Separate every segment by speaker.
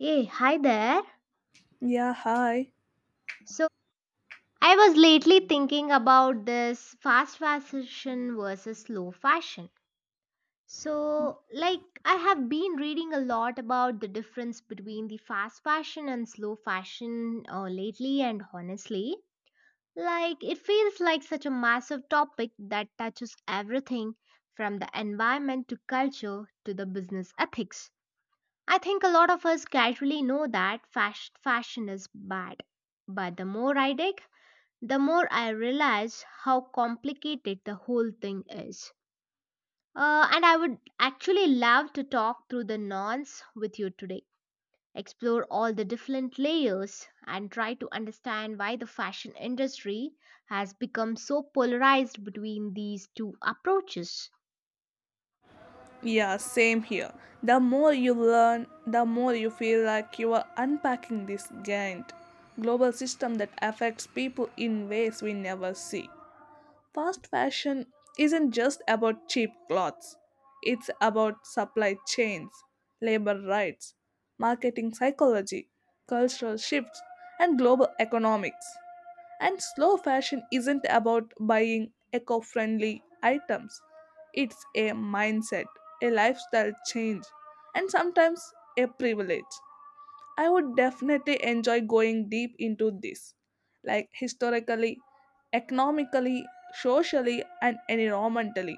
Speaker 1: Hey, hi there.
Speaker 2: Yeah, hi.
Speaker 1: So, I was lately thinking about this fast fashion versus slow fashion. So, like, I have been reading a lot about the difference between the fast fashion and slow fashion lately, and honestly, like, it feels like such a massive topic that touches everything from the environment to culture to the business ethics. I think a lot of us casually know that fast fashion is bad, but the more I dig, the more I realize how complicated the whole thing is. And I would actually love to talk through the nonce with you today, explore all the different layers, and try to understand why the fashion industry has become so polarized between these two approaches.
Speaker 2: Yeah, same here. The more you learn, the more you feel like you are unpacking this giant global system that affects people in ways we never see. Fast fashion isn't just about cheap clothes, it's about supply chains, labor rights, marketing psychology, cultural shifts, and global economics. And slow fashion isn't about buying eco friendly items, it's a mindset, a lifestyle change, and sometimes a privilege. I would definitely enjoy going deep into this, like historically, economically, socially, and environmentally.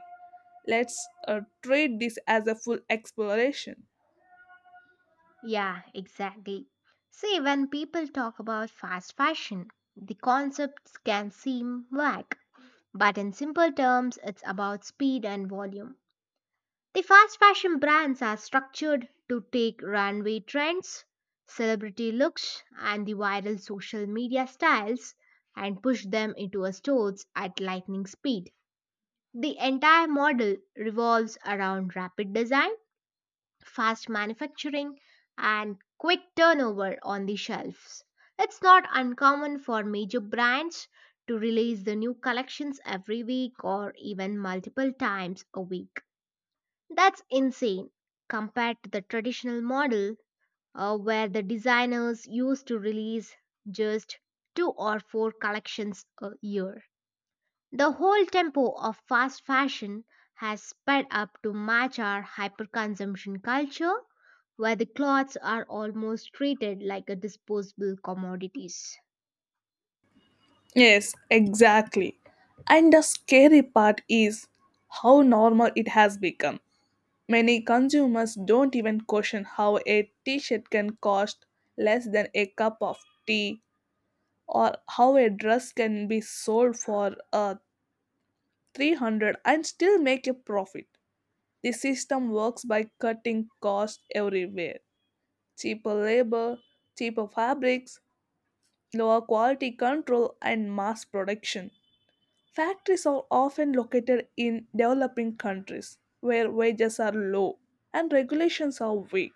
Speaker 2: Let's treat this as a full exploration.
Speaker 1: Yeah, exactly. See, when people talk about fast fashion, the concepts can seem vague, but in simple terms, it's about speed and volume. The fast fashion brands are structured to take runway trends, celebrity looks, and the viral social media styles and push them into our stores at lightning speed. The entire model revolves around rapid design, fast manufacturing, and quick turnover on the shelves. It's not uncommon for major brands to release the new collections every week or even multiple times a week. That's insane compared to the traditional model where the designers used to release just two or four collections a year. The whole tempo of fast fashion has sped up to match our hyperconsumption culture where the clothes are almost treated like a disposable commodities.
Speaker 2: Yes, exactly. And the scary part is how normal it has become. Many consumers don't even question how a t shirt can cost less than a cup of tea or how a dress can be sold for 300 and still make a profit. The system works by cutting costs everywhere cheaper labor, cheaper fabrics, lower quality control, and mass production. Factories are often located in developing countries where wages are low and regulations are weak.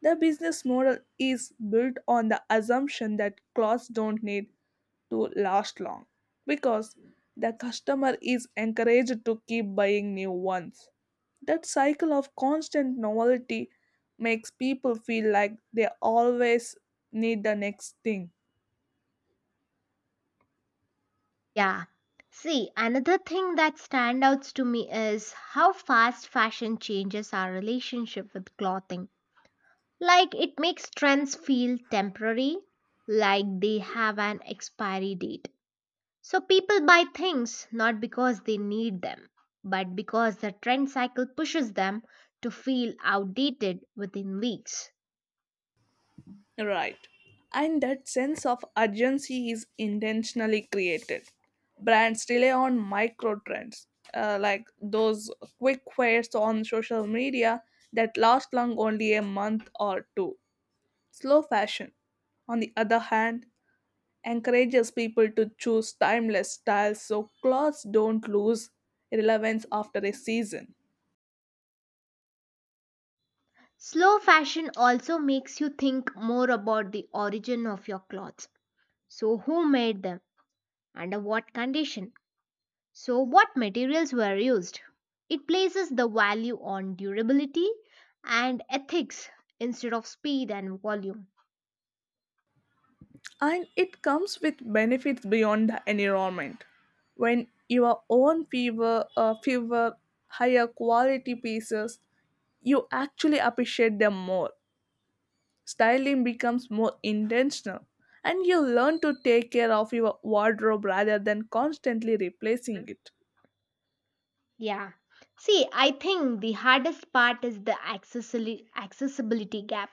Speaker 2: The business model is built on the assumption that clothes don't need to last long because the customer is encouraged to keep buying new ones. That cycle of constant novelty makes people feel like they always need the next thing.
Speaker 1: Yeah. See, another thing that stands out to me is how fast fashion changes our relationship with clothing. Like it makes trends feel temporary, like they have an expiry date. So people buy things not because they need them, but because the trend cycle pushes them to feel outdated within weeks.
Speaker 2: Right. And that sense of urgency is intentionally created. Brands rely on micro trends, like those quick fads on social media that last long only a month or two. Slow fashion, on the other hand, encourages people to choose timeless styles so clothes don't lose relevance after a season.
Speaker 1: Slow fashion also makes you think more about the origin of your clothes. So, who made them? Under what condition? So, what materials were used? It places the value on durability and ethics instead of speed and volume.
Speaker 2: And it comes with benefits beyond the environment. When your own fever, higher quality pieces, you actually appreciate them more. Styling becomes more intentional, and you learn to take care of your wardrobe rather than constantly replacing it.
Speaker 1: Yeah. See, I think the hardest part is the accessibility gap.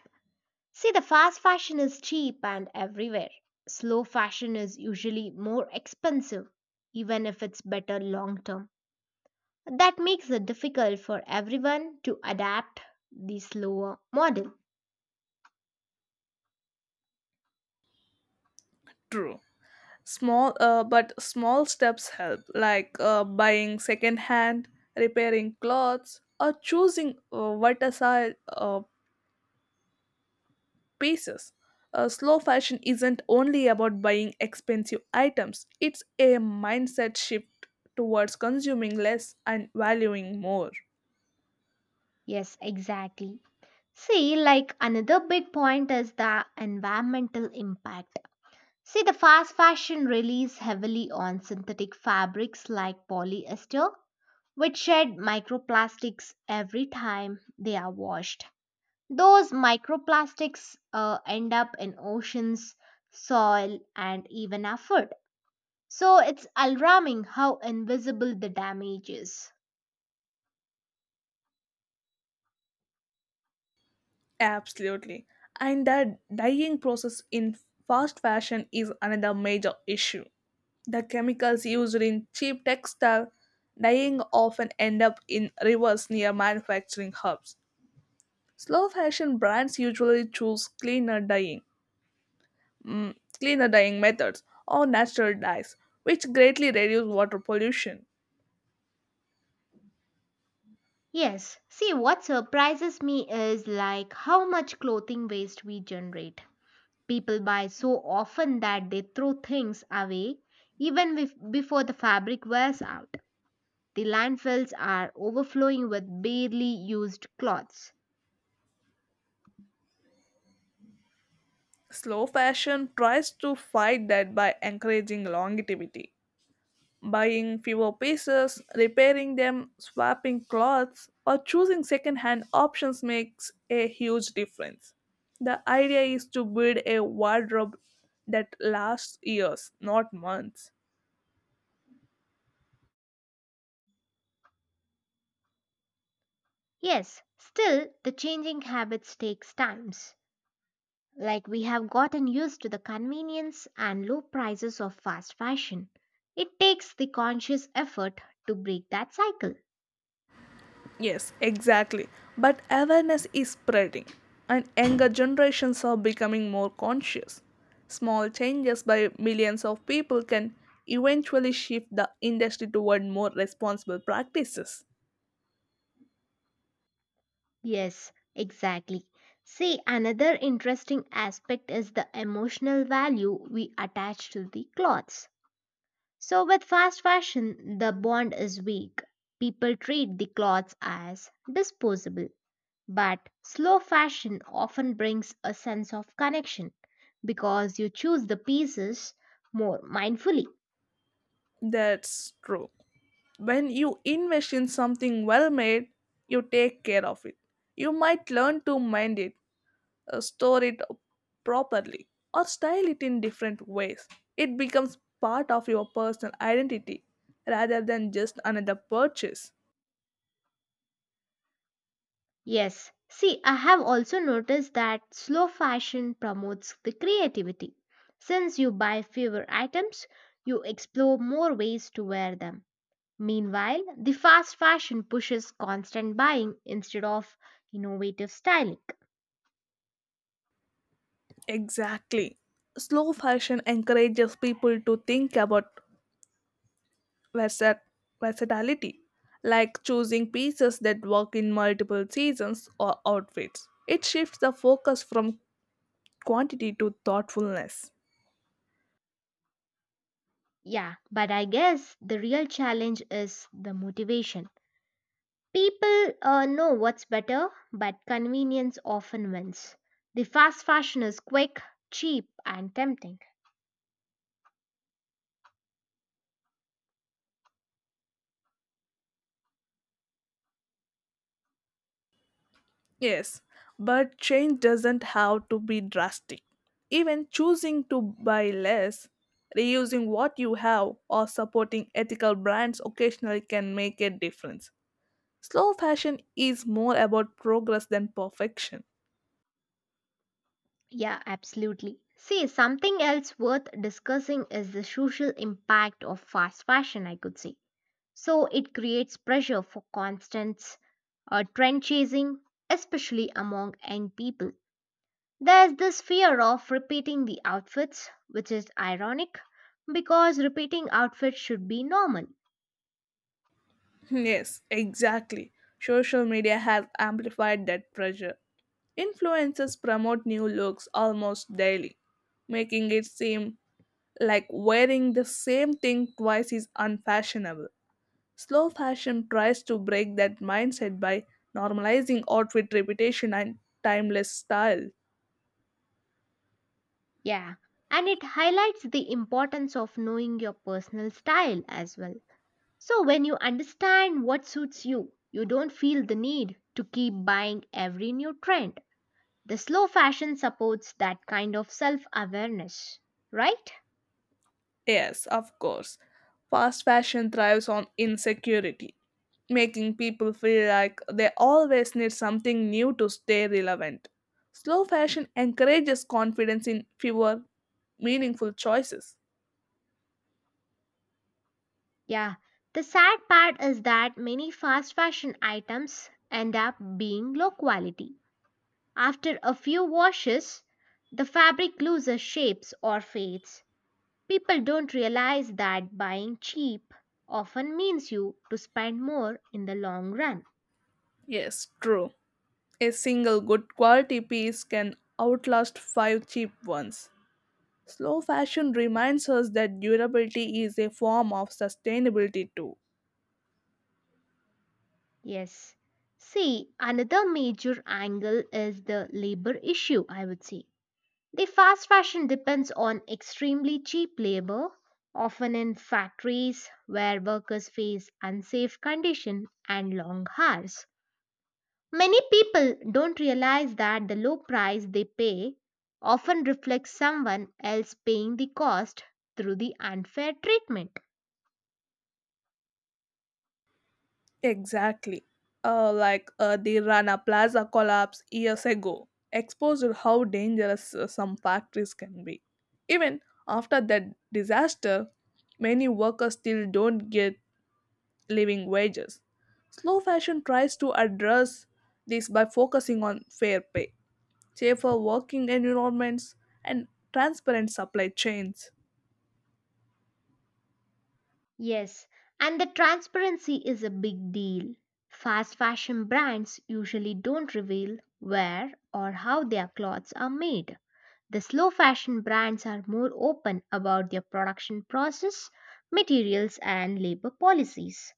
Speaker 1: See, the fast fashion is cheap and everywhere. Slow fashion is usually more expensive, even if it's better long term. That makes it difficult for everyone to adapt the slower model.
Speaker 2: True. But small steps help, like buying second hand, repairing clothes, or choosing versatile, pieces. Slow fashion isn't only about buying expensive items, it's a mindset shift towards consuming less and valuing more.
Speaker 1: Yes, exactly. See, like another big point is the environmental impact. See, the fast fashion relies heavily on synthetic fabrics like polyester, which shed microplastics every time they are washed. Those microplastics end up in oceans, soil, and even our food. So it's alarming how invisible the damage is.
Speaker 2: Absolutely. And the dyeing process in fast fashion is another major issue. The chemicals used in cheap textile dyeing often end up in rivers near manufacturing hubs. Slow fashion brands usually choose cleaner dyeing mm, cleaner dyeing methods, or natural dyes, which greatly reduce water pollution.
Speaker 1: Yes, see what surprises me is like how much clothing waste we generate. People buy so often that they throw things away even before the fabric wears out. The landfills are overflowing with barely used cloths.
Speaker 2: Slow fashion tries to fight that by encouraging longevity. Buying fewer pieces, repairing them, swapping clothes, or choosing second-hand options makes a huge difference. The idea is to build a wardrobe that lasts years, not months.
Speaker 1: Yes, still the changing habits takes times. Like we have gotten used to the convenience and low prices of fast fashion. It takes the conscious effort to break that cycle.
Speaker 2: Yes, exactly. But awareness is spreading, and younger generations are becoming more conscious. Small changes by millions of people can eventually shift the industry toward more responsible practices.
Speaker 1: Yes, exactly. See, another interesting aspect is the emotional value we attach to the clothes. So, with fast fashion, the bond is weak. People treat the clothes as disposable. But slow fashion often brings a sense of connection because you choose the pieces more mindfully.
Speaker 2: That's true. When you invest in something well made, you take care of it. You might learn to mind it store it properly, or style it in different ways. It becomes part of your personal identity rather than just another purchase.
Speaker 1: Yes. See, I have also noticed that slow fashion promotes the creativity. Since you buy fewer items, you explore more ways to wear them. Meanwhile, the fast fashion pushes constant buying instead of innovative styling.
Speaker 2: Exactly. Slow fashion encourages people to think about versat- versatility, like choosing pieces that work in multiple seasons or outfits. It shifts the focus from quantity to thoughtfulness.
Speaker 1: Yeah, but I guess the real challenge is the motivation. People know what's better, but convenience often wins. The fast fashion is quick, cheap, and tempting.
Speaker 2: Yes, but change doesn't have to be drastic. Even choosing to buy less, reusing what you have, or supporting ethical brands occasionally can make a difference. Slow fashion is more about progress than perfection.
Speaker 1: Yeah, absolutely. See, something else worth discussing is the social impact of fast fashion, I could say. So it creates pressure for constant trend chasing, especially among young people. There's this fear of repeating the outfits, which is ironic because repeating outfits should be normal.
Speaker 2: Yes, exactly. Social media has amplified that pressure. Influencers promote new looks almost daily, making it seem like wearing the same thing twice is unfashionable. Slow fashion tries to break that mindset by normalizing outfit repetition and timeless style.
Speaker 1: Yeah, and it highlights the importance of knowing your personal style as well. So, when you understand what suits you, you don't feel the need to keep buying every new trend. The slow fashion supports that kind of self awareness, right?
Speaker 2: Yes, of course. Fast fashion thrives on insecurity, making people feel like they always need something new to stay relevant. Slow fashion encourages confidence in fewer meaningful choices.
Speaker 1: Yeah. The sad part is that many fast fashion items end up being low quality. After a few washes, the fabric loses shapes or fades. People don't realize that buying cheap often means you to spend more in the long run.
Speaker 2: Yes, true. A single good quality piece can outlast five cheap ones. Slow fashion reminds us that durability is a form of sustainability too.
Speaker 1: Yes. See, another major angle is the labor issue, I would say. The fast fashion depends on extremely cheap labor, often in factories where workers face unsafe conditions and long hours. Many people don't realize that the low price they pay often reflects someone else paying the cost through the unfair treatment.
Speaker 2: Exactly. Like the Rana Plaza collapse years ago exposed how dangerous some factories can be. Even after that disaster, many workers still don't get living wages. Slow fashion tries to address this by focusing on fair pay, safer working environments, and transparent supply chains.
Speaker 1: Yes, and the transparency is a big deal. Fast fashion brands usually don't reveal where or how their clothes are made. The slow fashion brands are more open about their production process, materials, and labor policies.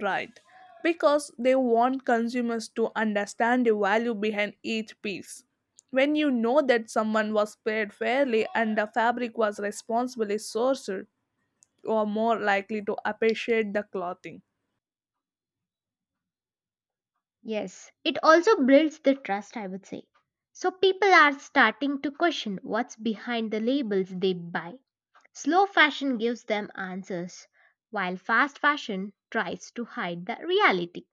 Speaker 2: Right. Because they want consumers to understand the value behind each piece. When you know that someone was paid fairly and the fabric was responsibly sourced, you are more likely to appreciate the clothing.
Speaker 1: Yes, it also builds the trust, I would say. So people are starting to question what's behind the labels they buy. Slow fashion gives them answers, while fast fashion tries to hide the reality.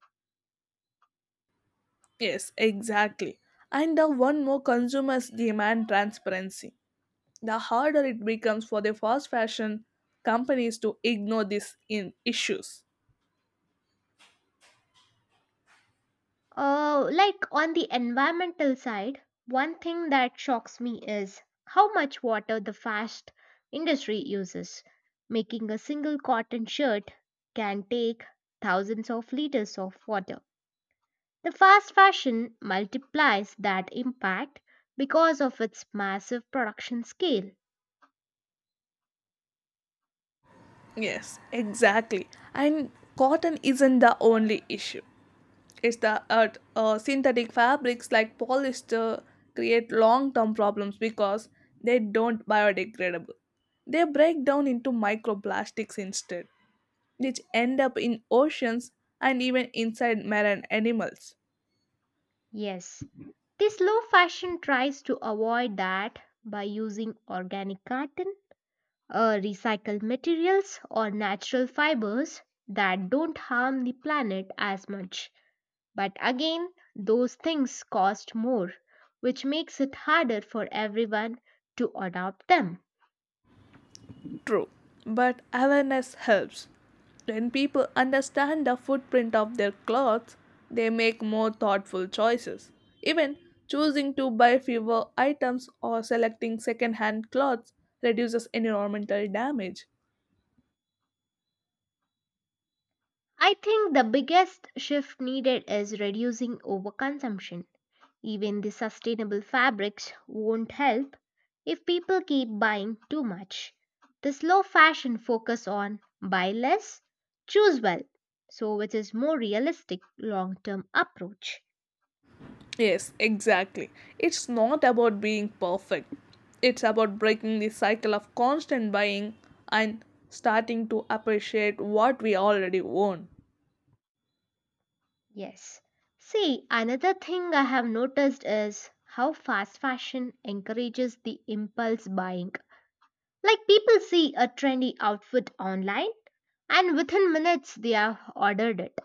Speaker 2: Yes, exactly. And the one more consumers demand transparency. The harder it becomes for the fast fashion companies to ignore these in issues.
Speaker 1: Like on the environmental side, one thing that shocks me is how much water the fast industry uses. Making a single cotton shirt can take thousands of liters of water. The fast fashion multiplies that impact because of its massive production scale.
Speaker 2: Yes, exactly. And cotton isn't the only issue. It's the synthetic fabrics like polyester create long-term problems because they don't biodegradable. They break down into microplastics instead, which end up in oceans and even inside marine animals.
Speaker 1: Yes, the slow fashion tries to avoid that by using organic cotton, recycled materials, or natural fibers that don't harm the planet as much. But again, those things cost more, which makes it harder for everyone to adopt them.
Speaker 2: True, but awareness helps. When people understand the footprint of their clothes, they make more thoughtful choices. Even choosing to buy fewer items or selecting second-hand clothes reduces environmental damage.
Speaker 1: I think the biggest shift needed is reducing overconsumption. Even the sustainable fabrics won't help if people keep buying too much. The slow fashion focus on buy less, choose well, so which is more realistic long-term approach.
Speaker 2: Yes, exactly. It's not about being perfect. It's about breaking the cycle of constant buying and starting to appreciate what we already own.
Speaker 1: Yes. See, another thing I have noticed is how fast fashion encourages the impulse buying. Like people see a trendy outfit online and within minutes they have ordered it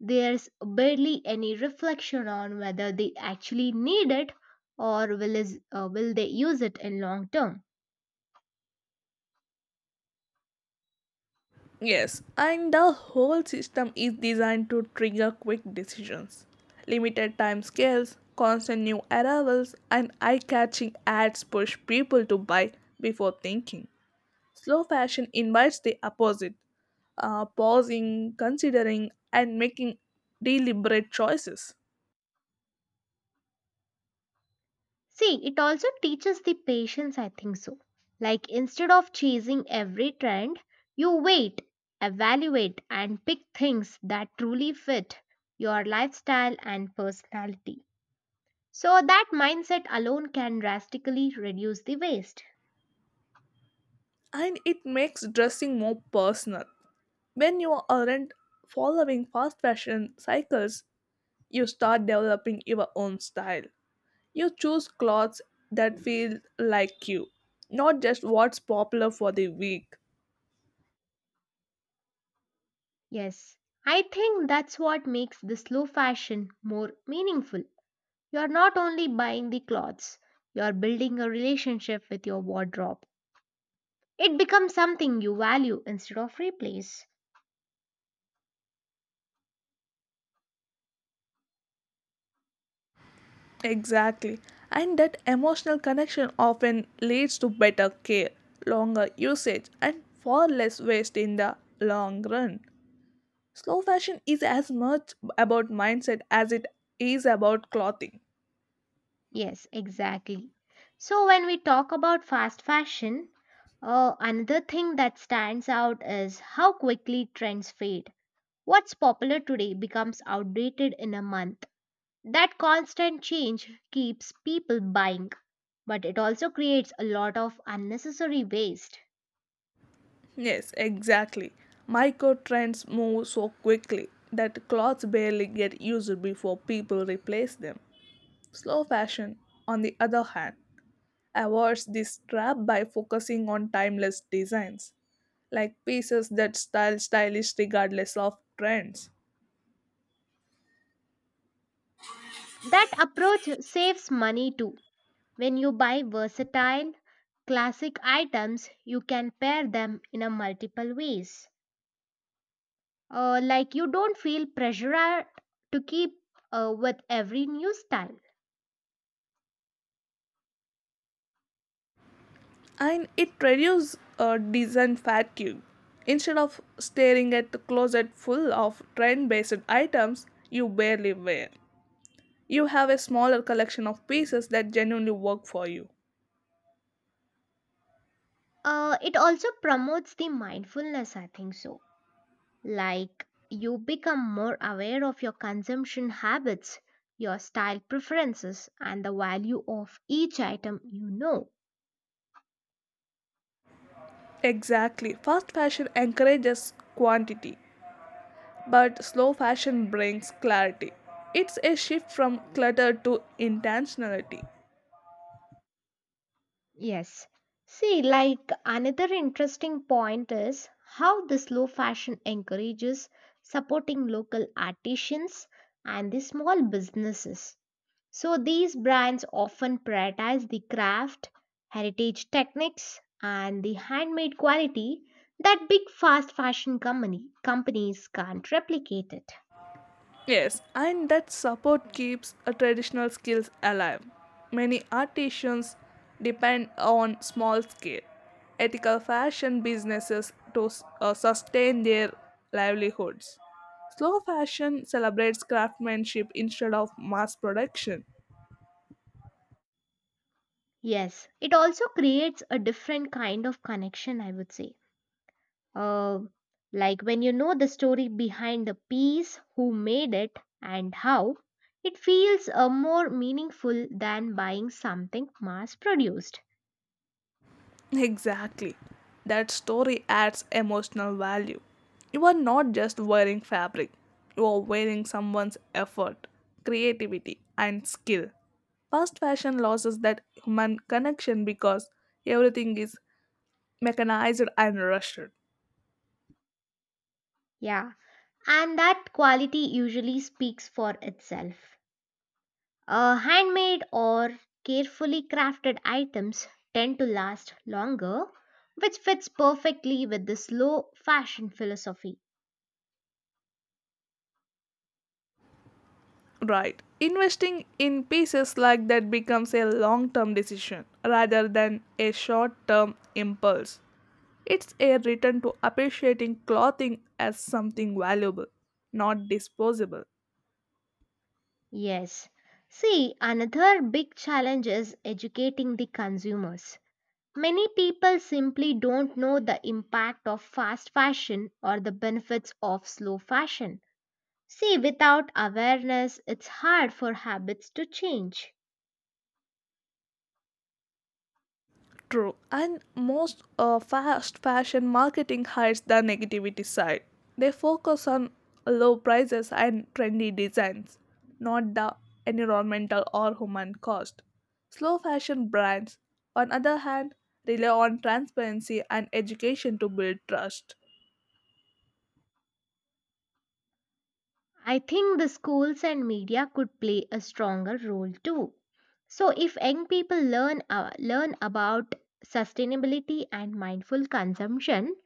Speaker 1: There's barely any reflection on whether they actually need it or will they use it in long term.
Speaker 2: Yes, and the whole system is designed to trigger quick decisions. Limited time scales, constant new arrivals, and eye catching ads push people to buy before thinking. Slow fashion invites the opposite, pausing, considering, and making deliberate choices.
Speaker 1: See, it also teaches the patience, I think so. Like instead of chasing every trend, you wait, evaluate, and pick things that truly fit your lifestyle and personality. So that mindset alone can drastically reduce the waste.
Speaker 2: And it makes dressing more personal. When you aren't following fast fashion cycles, you start developing your own style. You choose clothes that feel like you, not just what's popular for the week.
Speaker 1: Yes, I think that's what makes the slow fashion more meaningful. You're not only buying the clothes, you're building a relationship with your wardrobe. It becomes something you value instead of replace.
Speaker 2: Exactly. And that emotional connection often leads to better care, longer usage, and far less waste in the long run. Slow fashion is as much about mindset as it is about clothing.
Speaker 1: Yes, exactly. So, when we talk about fast fashion, another thing that stands out is how quickly trends fade. What's popular today becomes outdated in a month. That constant change keeps people buying, but it also creates a lot of unnecessary waste.
Speaker 2: Yes, exactly. Micro trends move so quickly that clothes barely get used before people replace them. Slow fashion, on the other hand, avoids this trap by focusing on timeless designs, like pieces that style stylish regardless of trends.
Speaker 1: That approach saves money too. When you buy versatile classic items, you can pair them in a multiple ways. Like you don't feel pressured to keep with every new style.
Speaker 2: And it reduces design fatigue. Instead of staring at the closet full of trend based items you barely wear, you have a smaller collection of pieces that genuinely work for you.
Speaker 1: It also promotes the mindfulness, I think so. Like you become more aware of your consumption habits, your style preferences, and the value of each item you know.
Speaker 2: Exactly. Fast fashion encourages quantity but slow fashion brings clarity. It's a shift from clutter to intentionality.
Speaker 1: Yes. See, like another interesting point is how the slow fashion encourages supporting local artisans and the small businesses. So these brands often prioritize the craft, heritage techniques, and the handmade quality that big fast fashion company companies can't replicate it.
Speaker 2: Yes, and that support keeps traditional skills alive. Many artisans depend on small scale, ethical fashion businesses to sustain their livelihoods. Slow fashion celebrates craftsmanship instead of mass production.
Speaker 1: Yes, it also creates a different kind of connection, I would say Uh, like when you know the story behind the piece, who made it, and how, it feels more meaningful than buying something mass produced.
Speaker 2: Exactly. That story adds emotional value. You are not just wearing fabric, you are wearing someone's effort, creativity, and skill. Fast fashion loses that human connection because everything is mechanized and rushed.
Speaker 1: Yeah, and that quality usually speaks for itself. Handmade or carefully crafted items tend to last longer, which fits perfectly with the slow fashion philosophy.
Speaker 2: Right. Investing in pieces like that becomes a long term decision rather than a short term impulse. It's a return to appreciating clothing as something valuable, not disposable.
Speaker 1: Yes. See, another big challenge is educating the consumers. Many people simply don't know the impact of fast fashion or the benefits of slow fashion. See, without awareness, it's hard for habits to change.
Speaker 2: True, and most fast fashion marketing hides the negativity side. They focus on low prices and trendy designs, not the environmental or human cost. Slow fashion brands, on other hand, rely on transparency and education to build trust.
Speaker 1: I think the schools and media could play a stronger role too. So, if young people learn about sustainability and mindful consumption,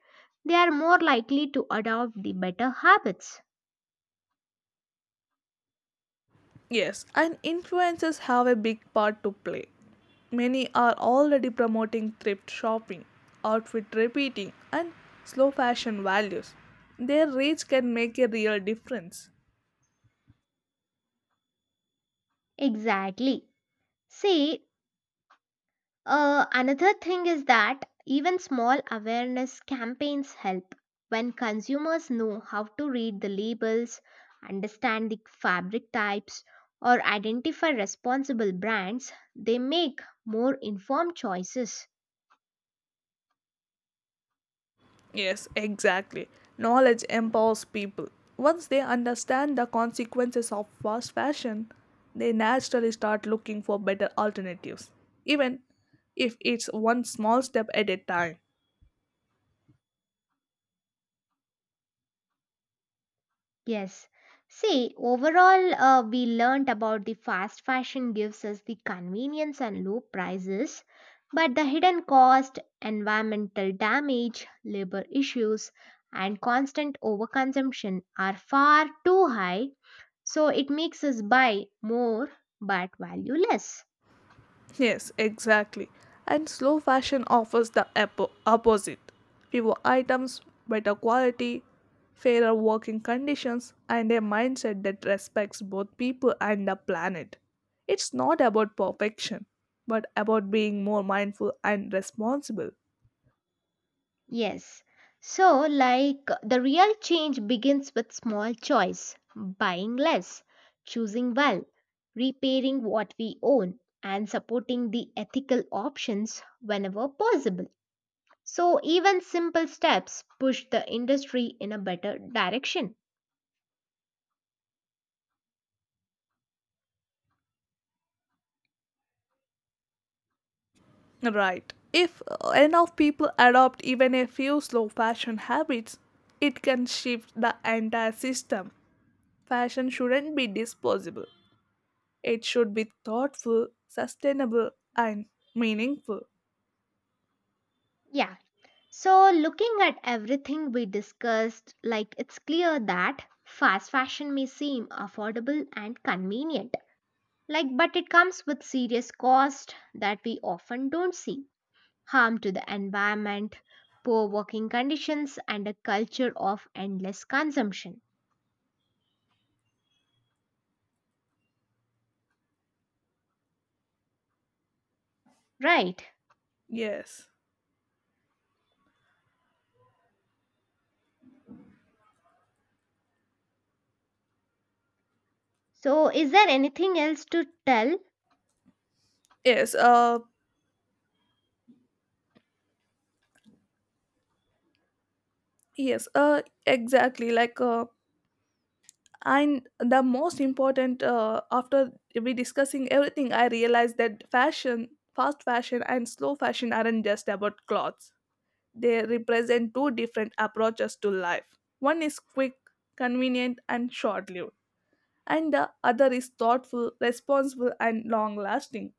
Speaker 1: they are more likely to adopt the better habits.
Speaker 2: Yes, and influencers have a big part to play. Many are already promoting thrift shopping, outfit repeating, and slow fashion values. Their reach can make a real difference.
Speaker 1: Exactly. See, another thing is that even small awareness campaigns help. When consumers know how to read the labels, understand the fabric types, or identify responsible brands, they make more informed choices.
Speaker 2: Yes, exactly. Knowledge empowers people. Once they understand the consequences of fast fashion, they naturally start looking for better alternatives, even if it's one small step at a time.
Speaker 1: Yes. See, overall, we learnt about the fast fashion gives us the convenience and low prices, but the hidden cost, environmental damage, labor issues, and constant overconsumption are far too high, so it makes us buy more but value less.
Speaker 2: Yes, exactly. And slow fashion offers the opposite fewer items, better quality, fairer working conditions, and a mindset that respects both people and the planet. It's not about perfection, but about being more mindful and responsible.
Speaker 1: Yes. So, like, the real change begins with small choice buying less, choosing well, repairing what we own, and supporting the ethical options whenever possible. So, even simple steps push the industry in a better direction.
Speaker 2: Right. If enough people adopt even a few slow fashion habits, it can shift the entire system. Fashion shouldn't be disposable, it should be thoughtful, sustainable, and meaningful.
Speaker 1: Yeah. So, looking at everything we discussed, like, it's clear that fast fashion may seem affordable and convenient. Like, but it comes with serious cost that we often don't see: harm to the environment, poor working conditions, and a culture of endless consumption. Right.
Speaker 2: Yes.
Speaker 1: So, is there anything else to tell?
Speaker 2: Yes. Uh. Yes. Exactly. And the most important after we discussing everything, I realized that fashion fast fashion and slow fashion aren't just about clothes. They represent two different approaches to life. One is quick, convenient and short lived, and the other is thoughtful, responsible and long lasting.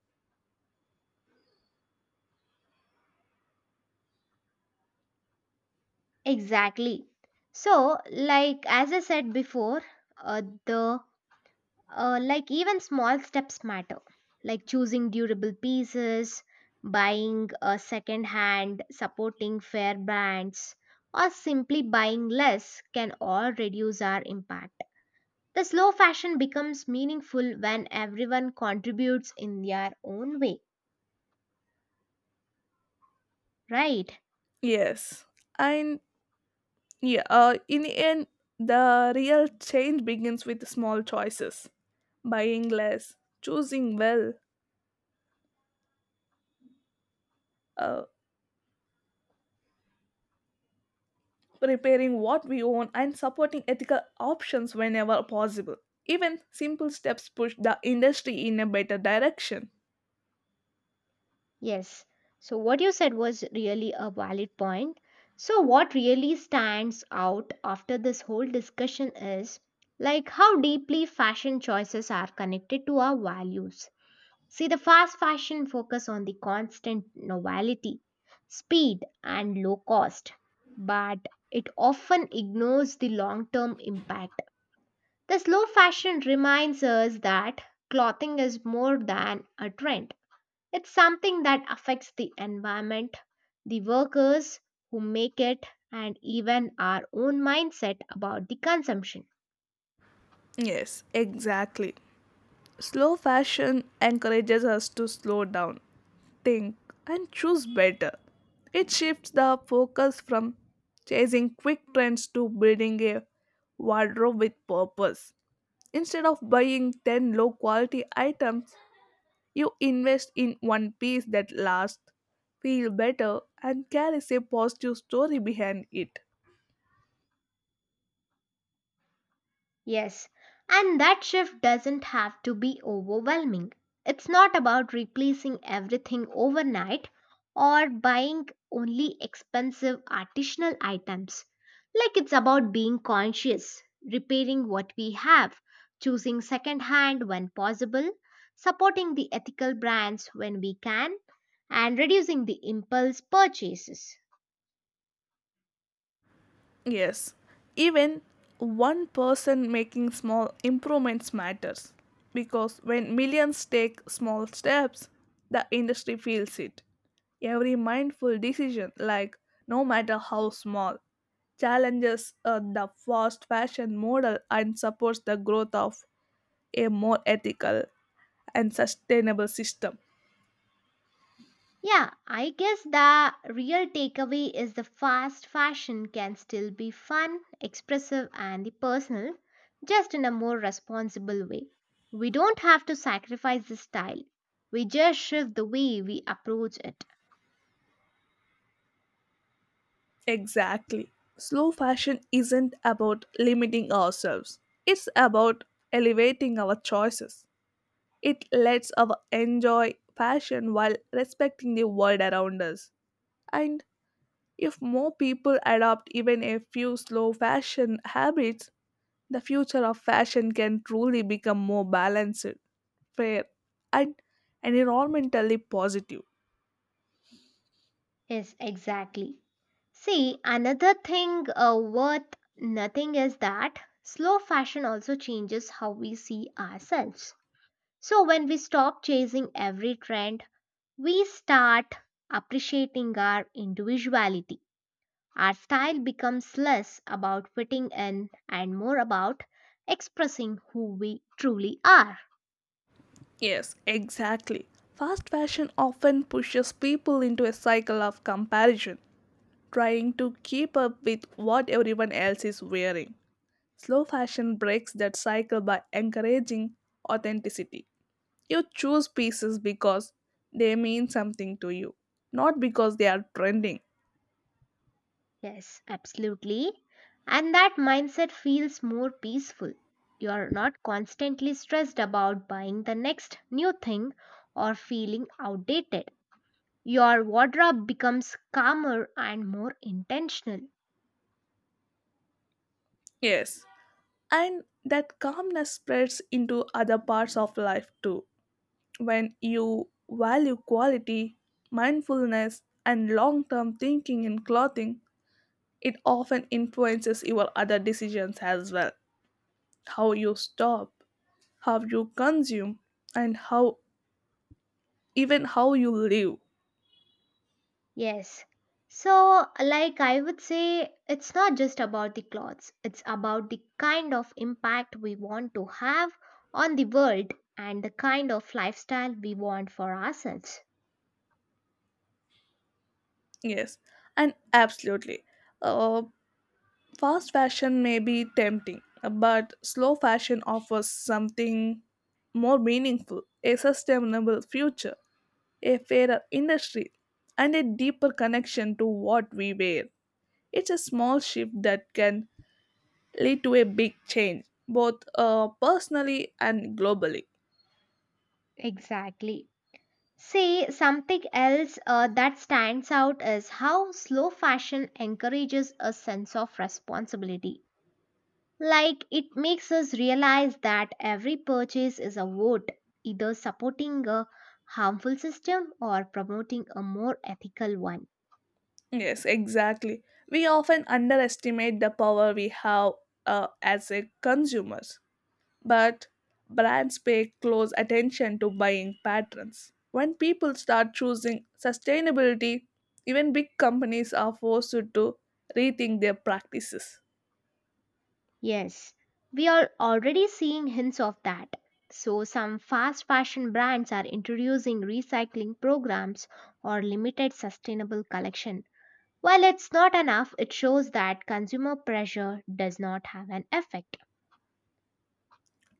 Speaker 1: Exactly. So, like, as I said before, the like even small steps matter, like choosing durable pieces, buying a second hand, supporting fair brands, or simply buying less can all reduce our impact. The slow fashion becomes meaningful when everyone contributes in their own way, right?
Speaker 2: Yes and Yeah, in the end, the real change begins with small choices buying less, choosing well, uh, repairing what we own, and supporting ethical options whenever possible. Even simple steps push the industry in a better direction.
Speaker 1: Yes. So, what you said was really a valid point. So, what really stands out after this whole discussion is like how deeply fashion choices are connected to our values. See, the fast fashion focus on the constant novelty, speed, and low cost, but it often ignores the long term impact. The slow fashion reminds us that clothing is more than a trend. It's something that affects the environment, the workers who make it, and even our own mindset about the consumption.
Speaker 2: Yes, exactly. Slow fashion encourages us to slow down, think, and choose better. It shifts the focus from chasing quick trends to building a wardrobe with purpose. Instead of buying 10 low quality items, you invest in one piece that lasts, feel better, and carries a positive story behind it.
Speaker 1: Yes, and that shift doesn't have to be overwhelming. It's not about replacing everything overnight or buying only expensive artisanal items. Like it's about being conscious, repairing what we have, choosing secondhand when possible, supporting the ethical brands when we can, and reducing the impulse purchases.
Speaker 2: Yes, even one person making small improvements matters because when millions take small steps, the industry feels it. Every mindful decision, like no matter how small, challenges the fast fashion model and supports the growth of a more ethical and sustainable system.
Speaker 1: Yeah, I guess the real takeaway is the fast fashion can still be fun, expressive, and the personal, just in a more responsible way. We don't have to sacrifice the style, we just shift the way we approach it.
Speaker 2: Exactly. Slow fashion isn't about limiting ourselves, it's about elevating our choices. It lets us enjoy fashion while respecting the world around us. And if more people adopt even a few slow fashion habits, the future of fashion can truly become more balanced, fair, and environmentally positive.
Speaker 1: Yes, exactly. See, another thing worth nothing is that slow fashion also changes how we see ourselves. So, when we stop chasing every trend, we start appreciating our individuality. Our style becomes less about fitting in and more about expressing who we truly are.
Speaker 2: Yes, exactly. Fast fashion often pushes people into a cycle of comparison, trying to keep up with what everyone else is wearing. Slow fashion breaks that cycle by encouraging authenticity. You choose pieces because they mean something to you, not because they are trending.
Speaker 1: Yes, absolutely. And that mindset feels more peaceful. You're not constantly stressed about buying the next new thing or feeling outdated. Your wardrobe becomes calmer and more intentional.
Speaker 2: Yes. And that calmness spreads into other parts of life too. When you value quality, mindfulness, and long term thinking in clothing, it often influences your other decisions as well. How you stop, how you consume, and how even how you live.
Speaker 1: Yes. So, like I would say, it's not just about the clothes, it's about the kind of impact we want to have on the world and the kind of lifestyle we want for ourselves.
Speaker 2: Yes, and absolutely. Uh, Fast fashion may be tempting, but slow fashion offers something more meaningful, a sustainable future, a fairer industry, and a deeper connection to what we wear. It's a small shift that can lead to a big change, both personally and globally.
Speaker 1: Exactly. See something else that stands out is how slow fashion encourages a sense of responsibility. Like, it makes us realize that every purchase is a vote, either supporting a harmful system or promoting a more ethical one.
Speaker 2: Yes, exactly. We often underestimate the power we have as a consumers, but brands pay close attention to buying patterns. When people start choosing sustainability, even big companies are forced to rethink their practices.
Speaker 1: Yes, we are already seeing hints of that. So, some fast fashion brands are introducing recycling programs or limited sustainable collection. While it's not enough, it shows that consumer pressure does not have an effect.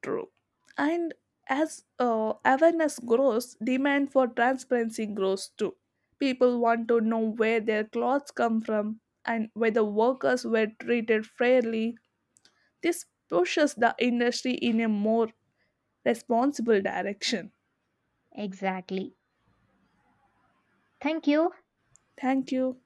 Speaker 2: True. And as awareness grows, demand for transparency grows too. People want to know where their clothes come from and whether workers were treated fairly. This pushes the industry in a more responsible direction.
Speaker 1: Exactly. Thank you.
Speaker 2: Thank you.